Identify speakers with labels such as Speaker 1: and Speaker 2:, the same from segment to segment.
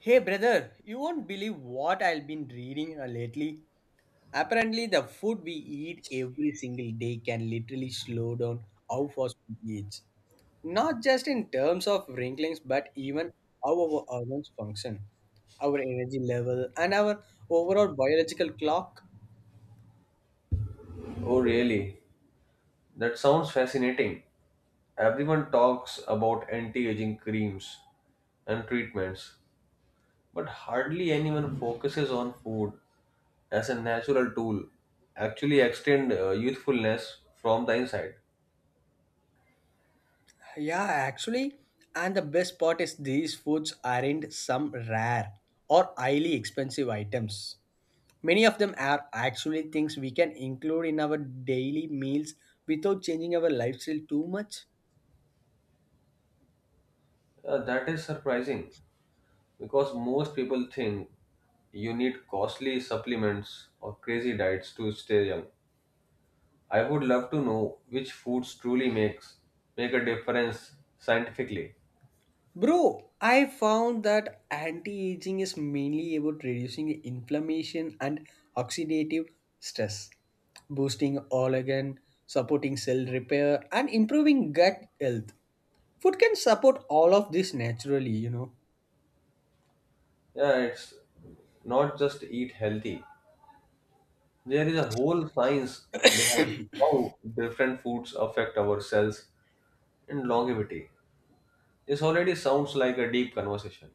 Speaker 1: Hey brother, you won't believe what I've been reading lately. Apparently, the food we eat every single day can literally slow down how fast we age. Not just in terms of wrinklings, but even how our organs function, our energy level, and our overall biological clock.
Speaker 2: Oh, really? That sounds fascinating. Everyone talks about anti aging creams and treatments, but hardly anyone focuses on food as a natural tool. Actually, extend youthfulness from the inside.
Speaker 1: Yeah, actually, and the best part is these foods aren't some rare or highly expensive items. Many of them are actually things we can include in our daily meals without changing our lifestyle too much.
Speaker 2: That is surprising because most people think you need costly supplements or crazy diets to stay young. I would love to know which foods truly make a difference scientifically.
Speaker 1: Bro, I found that anti aging is mainly about reducing inflammation and oxidative stress, boosting organ, supporting cell repair, and improving gut health. Food can support all of this naturally.
Speaker 2: Yeah, it's not just eat healthy. There is a whole science behind how different foods affect our cells and longevity. This already sounds like a deep conversation.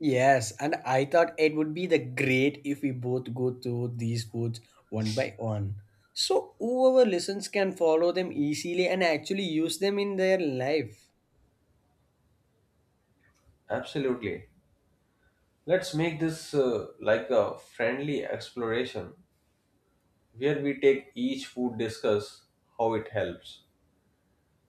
Speaker 1: Yes, and I thought it would be the great if we both go through these foods one by one. So whoever listens can follow them easily and actually use them in their life.
Speaker 2: Absolutely. Let's make this like a friendly exploration where we take each food, discuss how it helps,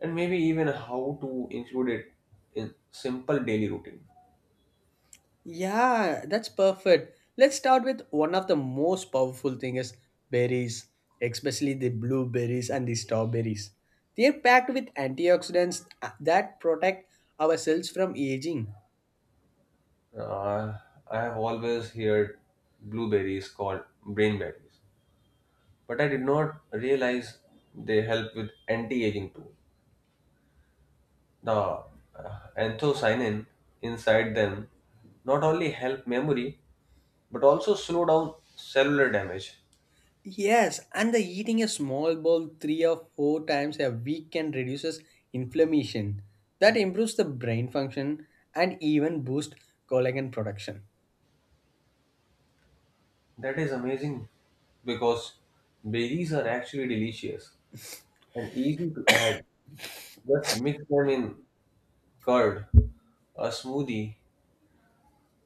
Speaker 2: and maybe even how to include it in simple daily routine.
Speaker 1: Yeah, that's perfect. Let's start with one of the most powerful thing is berries, especially the blueberries and the strawberries. They are packed with antioxidants that protect our cells from aging.
Speaker 2: Uh, I have always heard blueberries called brain berries but I did not realize they help with anti-aging too. The anthocyanin inside them not only help memory but also slow down cellular damage.
Speaker 1: Yes, and the eating a small bowl three or four times a week can reduces inflammation. That improves the brain function and even boost collagen production.
Speaker 2: That is amazing because berries are actually delicious and easy to add. Just mix them in curd, a smoothie,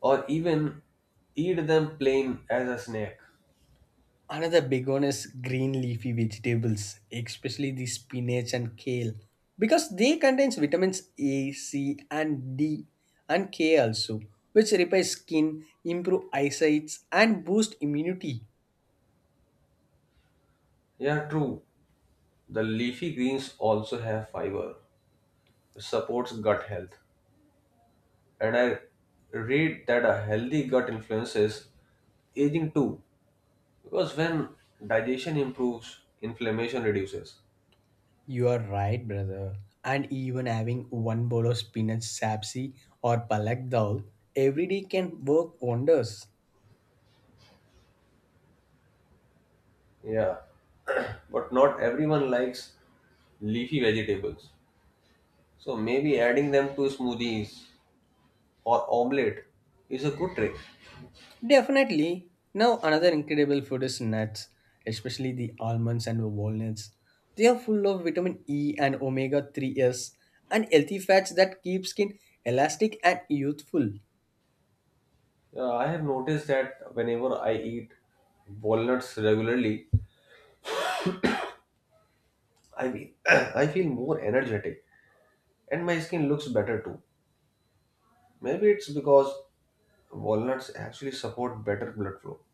Speaker 2: or even eat them plain as a snack.
Speaker 1: Another big one is green leafy vegetables, especially the spinach and kale, because they contains vitamins A, C, and D, and K also, which repair skin, improve eyesight, and boost immunity.
Speaker 2: Yeah, true. The leafy greens also have fiber, which supports gut health. And I read that a healthy gut influences aging too, because when digestion improves, inflammation reduces.
Speaker 1: You are right, brother. And even having one bowl of spinach sapsi or palak dal every day can work wonders.
Speaker 2: Yeah, but not everyone likes leafy vegetables. So maybe adding them to smoothies or omelette is a good trick.
Speaker 1: Definitely. Now another incredible food is nuts, especially the almonds and walnuts. They are full of vitamin E and omega 3s and healthy fats that keep skin elastic and youthful.
Speaker 2: Yeah, I have noticed that whenever I eat walnuts regularly, I feel, I feel more energetic and my skin looks better too. Maybe it's because walnuts actually support better blood flow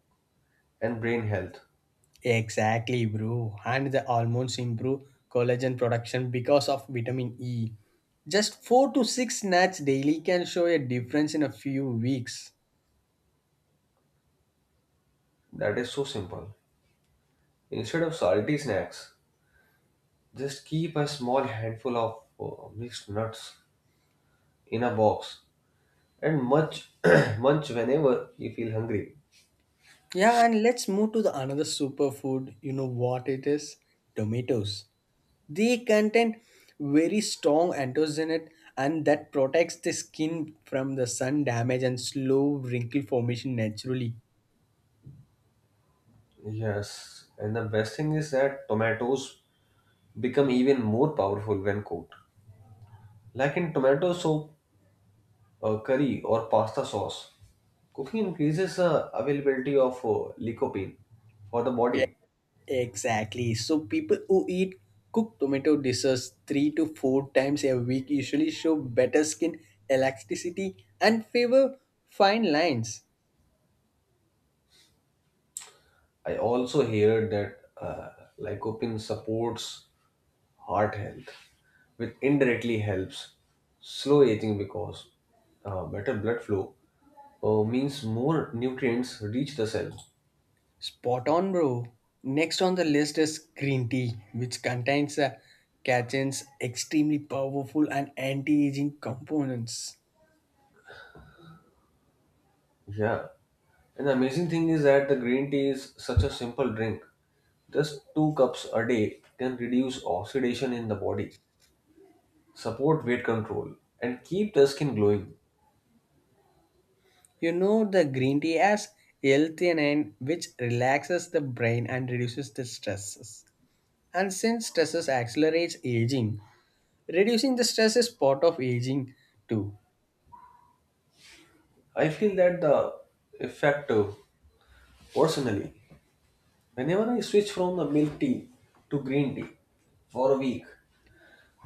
Speaker 2: and brain health.
Speaker 1: Exactly, bro. And the almonds improve collagen production because of vitamin E. Just 4 to 6 snacks daily can show a difference in a few weeks.
Speaker 2: That is so simple. Instead of salty snacks, just keep a small handful of mixed nuts in a box and munch munch whenever you feel hungry.
Speaker 1: Yeah, and let's move to the another superfood. You know what it is? Tomatoes. They contain very strong antioxidant and that protects the skin from the sun damage and slow wrinkle formation naturally.
Speaker 2: Yes, and the best thing is that tomatoes become even more powerful when cooked. Like in tomato soup, curry or pasta sauce. Cooking increases availability of lycopene for the body.
Speaker 1: Exactly. So people who eat cooked tomato dishes three to four times a week usually show better skin elasticity and favor fine lines.
Speaker 2: I also hear that lycopene supports heart health, which indirectly helps slow aging because better blood flow means more nutrients reach the cell.
Speaker 1: Spot on, bro. Next on the list is green tea, which contains catechins, extremely powerful and anti-aging components.
Speaker 2: Yeah. And the amazing thing is that the green tea is such a simple drink. Just two cups a day can reduce oxidation in the body support weight control, and keep the skin glowing.
Speaker 1: You know the green tea as L-theanine, which relaxes the brain and reduces the stresses. And since stresses accelerates aging, reducing the stress is part of aging too.
Speaker 2: I feel that the effect personally, whenever I switch from the milk tea to green tea for a week,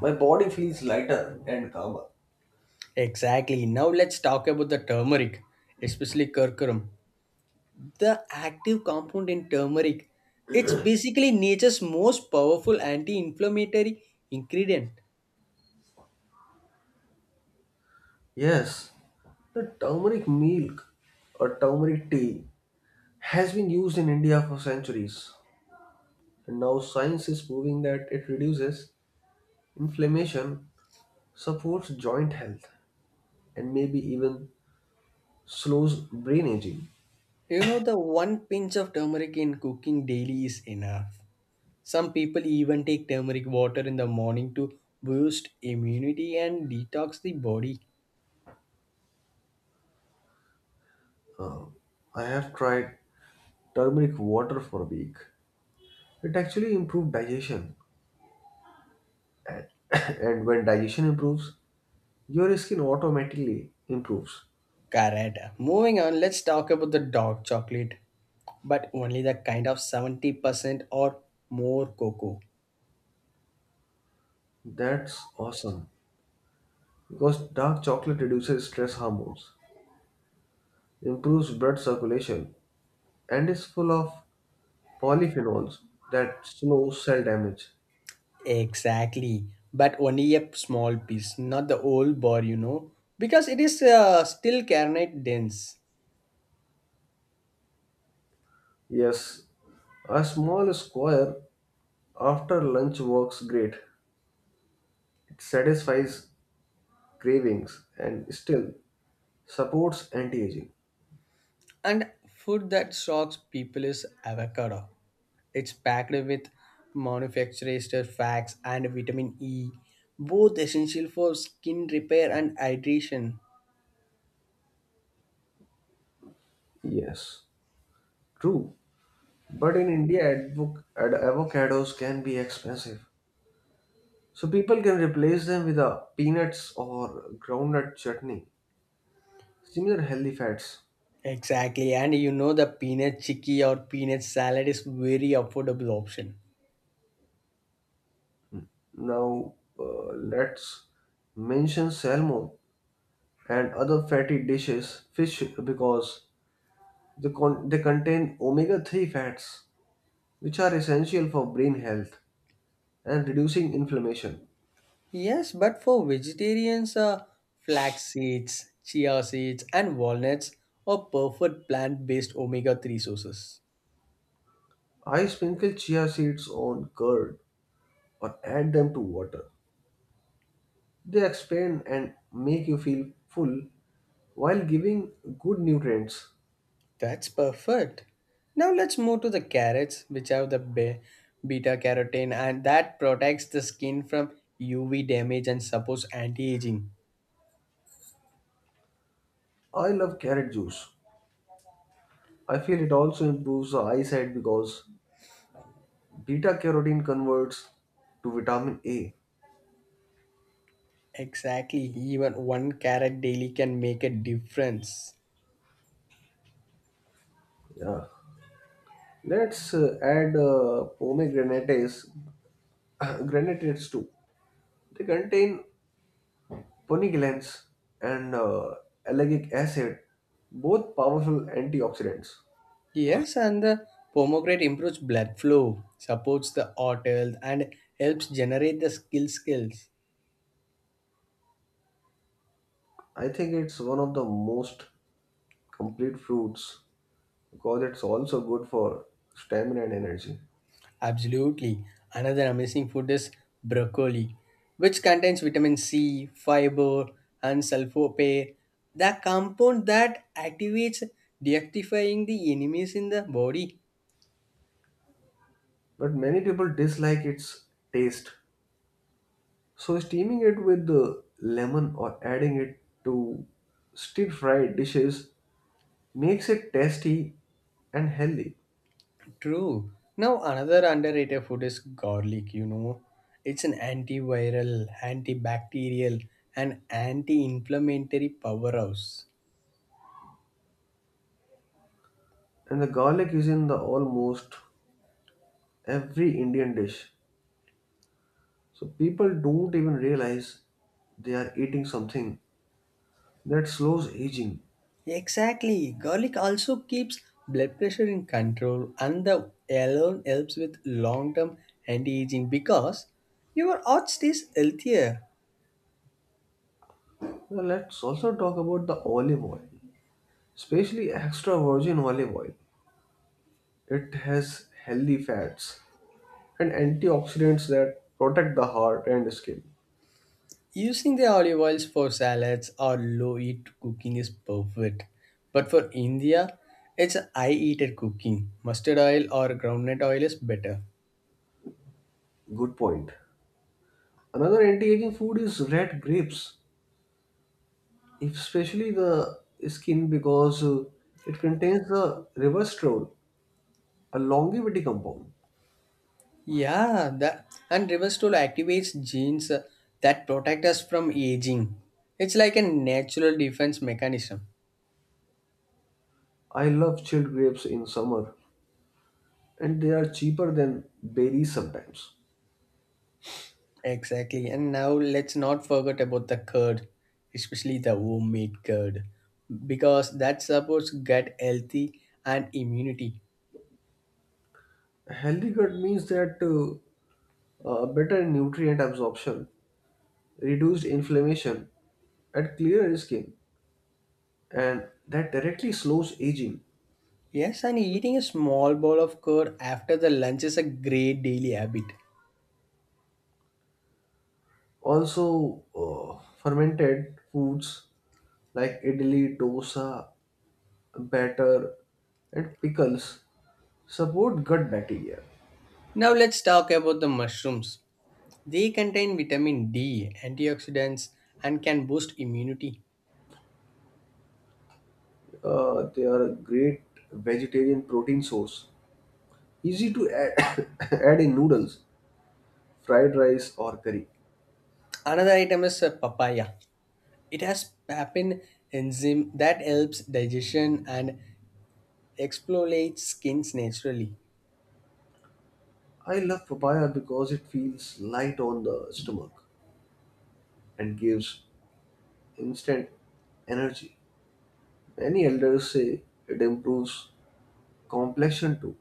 Speaker 2: my body feels lighter and calmer.
Speaker 1: Exactly. Now let's talk about the turmeric, especially curcumin. The active compound in turmeric, it's basically nature's most powerful anti-inflammatory ingredient.
Speaker 2: Yes, the turmeric milk or turmeric tea has been used in India for centuries, and now science is proving that it reduces inflammation, supports joint health, and maybe even slows brain aging.
Speaker 1: You know the one pinch of turmeric in cooking daily is enough. Some people even take turmeric water in the morning to boost immunity and detox the body.
Speaker 2: Uh, I have tried turmeric water for a week. It actually improved digestion. And when digestion improves, your skin automatically improves.
Speaker 1: Correct. Moving on, let's talk about the dark chocolate, but only the kind of 70% or more cocoa.
Speaker 2: That's awesome. Because dark chocolate reduces stress hormones, improves blood circulation, and is full of polyphenols that slow cell damage.
Speaker 1: Exactly, but only a small piece, not the whole bar, you know, because it is still carnate dense.
Speaker 2: Yes, a small square after lunch works great. It satisfies cravings and still supports anti aging.
Speaker 1: And food that shocks people is avocado. It's packed with manufacturer's fats and vitamin E, both essential for skin repair and hydration.
Speaker 2: Yes, true. But in India, avocados can be expensive. So people can replace them with a peanuts or groundnut chutney. Similar healthy fats.
Speaker 1: Exactly, and you know the peanut chicky or peanut salad is very affordable option.
Speaker 2: Now, let's mention salmon and other fatty dishes, fish, because they contain omega 3 fats, which are essential for brain health and reducing inflammation.
Speaker 1: Yes, but for vegetarians, flax seeds, chia seeds, and walnuts are perfect plant-based omega-3 sources.
Speaker 2: I sprinkle chia seeds on curd or add them to water. They expand and make you feel full while giving good nutrients.
Speaker 1: That's perfect. Now let's move to the carrots, which have the beta carotene, and that protects the skin from UV damage and supports anti-aging.
Speaker 2: I love carrot juice. I feel it also improves the eyesight because beta carotene converts to vitamin A.
Speaker 1: Exactly, even one carrot daily can make a difference.
Speaker 2: Yeah. Let's add pomegranates, granates too. They contain poneglyphs and allergic acid, both powerful antioxidants.
Speaker 1: Yes, and the pomegranate improves blood flow, supports the heart health, and helps generate the skills.
Speaker 2: I think it's one of the most complete fruits because it's also good for stamina and energy.
Speaker 1: Absolutely. Another amazing food is broccoli, which contains vitamin C, fiber, and sulforaphane, the compound that activates deactivating the enemies in the body.
Speaker 2: But many people dislike its taste. So steaming it with the lemon or adding it to stir fried dishes makes it tasty and healthy.
Speaker 1: True. Now another underrated food is garlic, you know. It's an antiviral, antibacterial and anti-inflammatory powerhouse.
Speaker 2: And the garlic is in the almost every Indian dish. So people don't even realize they are eating something that slows aging.
Speaker 1: Exactly. Garlic also keeps blood pressure in control and the alone helps with long-term anti-aging because your heart stays healthier.
Speaker 2: Now let's also talk about the olive oil, especially extra virgin olive oil. It has healthy fats and antioxidants that protect the heart and skin.
Speaker 1: Using the olive oils for salads or low heat cooking is perfect. But for India, it's high heated cooking. Mustard oil or groundnut oil is better.
Speaker 2: Good point. Another anti-aging food is red grapes, especially the skin because it contains the resveratrol, a longevity compound.
Speaker 1: Yeah, that and reverse tool activates genes that protect us from aging. It's like a natural defense mechanism.
Speaker 2: I love chilled grapes in summer and they are cheaper than berries sometimes.
Speaker 1: Exactly. And now let's not forget about the curd, especially the homemade curd, because that supports gut healthy and immunity.
Speaker 2: A healthy gut means that better nutrient absorption, reduced inflammation, and clearer skin, and that directly slows aging.
Speaker 1: Yes, and eating a small bowl of curd after the lunch is a great daily habit.
Speaker 2: Also, fermented foods like idli, dosa, batter, and pickles support gut bacteria.
Speaker 1: Now let's talk about the mushrooms. They contain vitamin D, antioxidants, and can boost immunity.
Speaker 2: They are a great vegetarian protein source, easy to add, add in noodles, fried rice, or curry.
Speaker 1: Another item is papaya. It has papain enzyme that helps digestion and exfoliates skins naturally.
Speaker 2: I love papaya because it feels light on the stomach and gives instant energy. Many elders say it improves complexion too.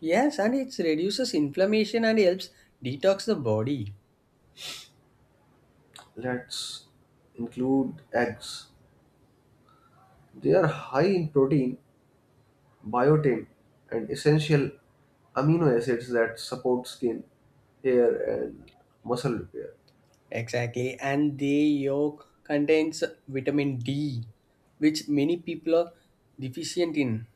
Speaker 1: Yes, and it reduces inflammation and helps detox the body.
Speaker 2: Let's include eggs. They are high in protein, biotin, and essential amino acids that support skin, hair, and muscle repair.
Speaker 1: Exactly, and the yolk contains vitamin D, which many people are deficient in.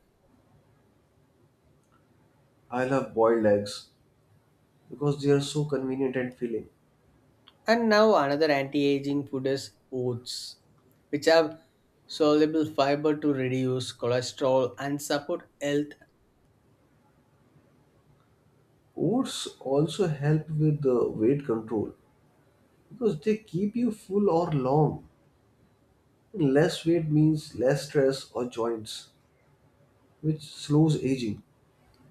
Speaker 2: I love boiled eggs because they are so convenient and filling.
Speaker 1: And now another anti-aging food is oats, which have soluble fiber to reduce cholesterol and support health.
Speaker 2: Oats also help with the weight control because they keep you full or long. Less weight means less stress or joints, which slows aging.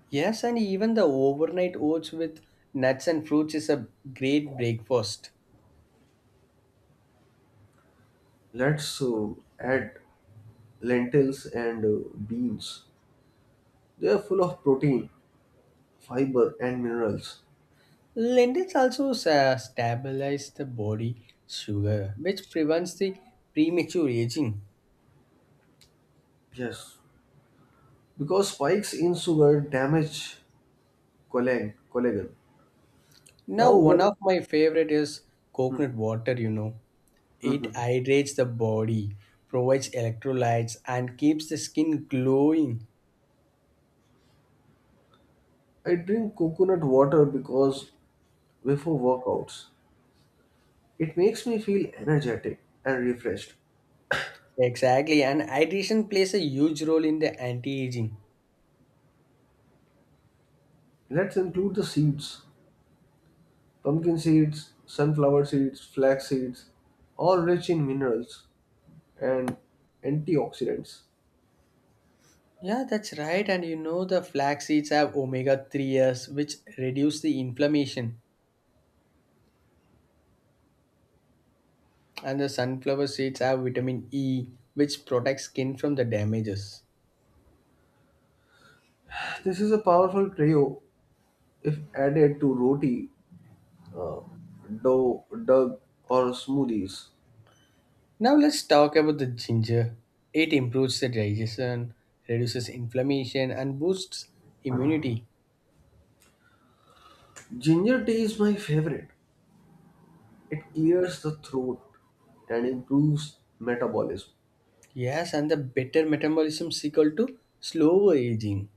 Speaker 1: Yes, and even the overnight oats with nuts and fruits is a great breakfast.
Speaker 2: Let's add lentils and beans. They are full of protein, fiber, and minerals.
Speaker 1: Lentils also stabilize the body sugar, which prevents the premature aging.
Speaker 2: Yes, because spikes in sugar damage collagen.
Speaker 1: Now,
Speaker 2: Now,
Speaker 1: one
Speaker 2: one.
Speaker 1: of my favorite is coconut water, you know. It
Speaker 2: Mhm.
Speaker 1: hydrates the body, provides electrolytes, and keeps the skin glowing.
Speaker 2: I drink coconut water because before workouts, it makes me feel energetic and refreshed.
Speaker 1: Exactly, and hydration plays a huge role in the anti-aging.
Speaker 2: Let's include the seeds, pumpkin seeds, sunflower seeds, flax seeds, all rich in minerals and antioxidants.
Speaker 1: Yeah, that's right. And you know the flax seeds have omega-3 s which reduce the inflammation, and the sunflower seeds have vitamin E, which protects skin from the damages.
Speaker 2: This is a powerful trio if added to roti, uh, dough, dug, or smoothies.
Speaker 1: Now let's talk about the ginger. It improves the digestion, reduces inflammation, and boosts immunity.
Speaker 2: Ginger tea is my favorite. It clears the throat and improves metabolism.
Speaker 1: Yes, and the better metabolism is equal to slower aging.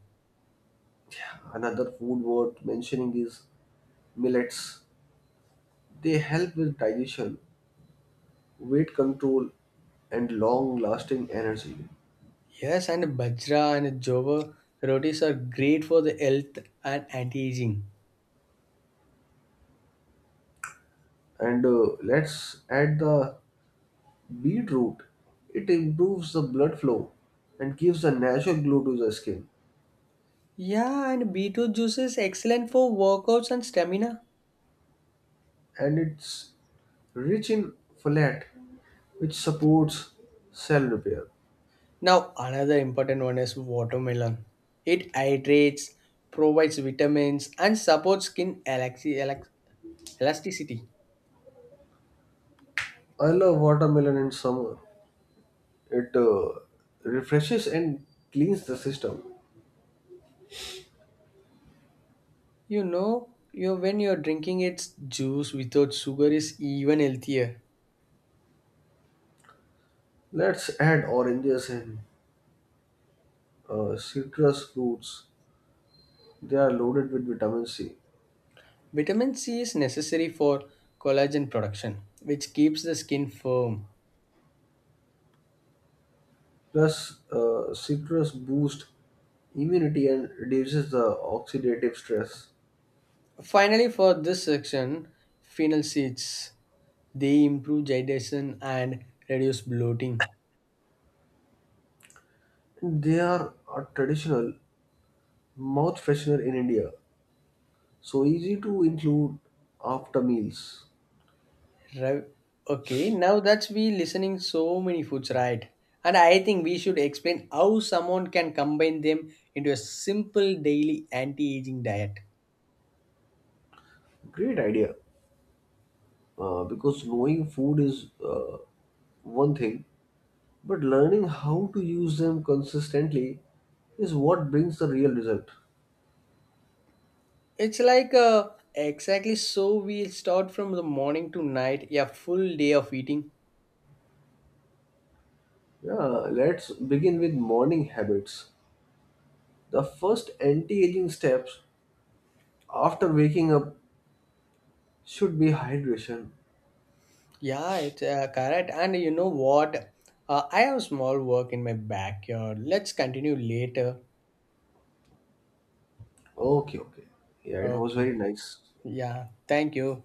Speaker 2: Another food worth mentioning is millets. They help with digestion, weight control, and long-lasting energy.
Speaker 1: Yes, and bajra and jova rotis are great for the health and anti-aging.
Speaker 2: And let's add the beetroot. It improves the blood flow and gives a natural glow to the skin,
Speaker 1: Yeah, and beetroot juice is excellent for workouts and stamina.
Speaker 2: and it's rich in folate, which supports cell repair.
Speaker 1: Now, another important one is watermelon. It hydrates, provides vitamins, and supports skin elasticity.
Speaker 2: I love watermelon in summer. It refreshes and cleans the system.
Speaker 1: You know, you when you're drinking its juice without sugar is even healthier.
Speaker 2: Let's add oranges and citrus fruits. They are loaded with vitamin C.
Speaker 1: Vitamin C is necessary for collagen production, which keeps the skin firm.
Speaker 2: Plus, citrus boost immunity and reduces the oxidative stress.
Speaker 1: Finally, for this section, phenol seeds. They improve digestion and reduce bloating.
Speaker 2: They are a traditional mouth freshener in India. So easy to include after meals.
Speaker 1: Right. Okay, now that's we listening so many foods, right? And I think we should explain how someone can combine them into a simple daily anti-aging diet.
Speaker 2: Great idea. Because knowing food is one thing, but learning how to use them consistently is what brings the real result.
Speaker 1: It's like exactly so we start from the morning to night, a full day of eating.
Speaker 2: Yeah, let's begin with morning habits. The first anti aging steps after waking up should be hydration.
Speaker 1: Yeah, it's correct. And you know what? I have small work in my backyard. Let's continue later.
Speaker 2: Okay, okay. Yeah, it was
Speaker 1: Okay.
Speaker 2: very nice.
Speaker 1: Yeah. Thank you.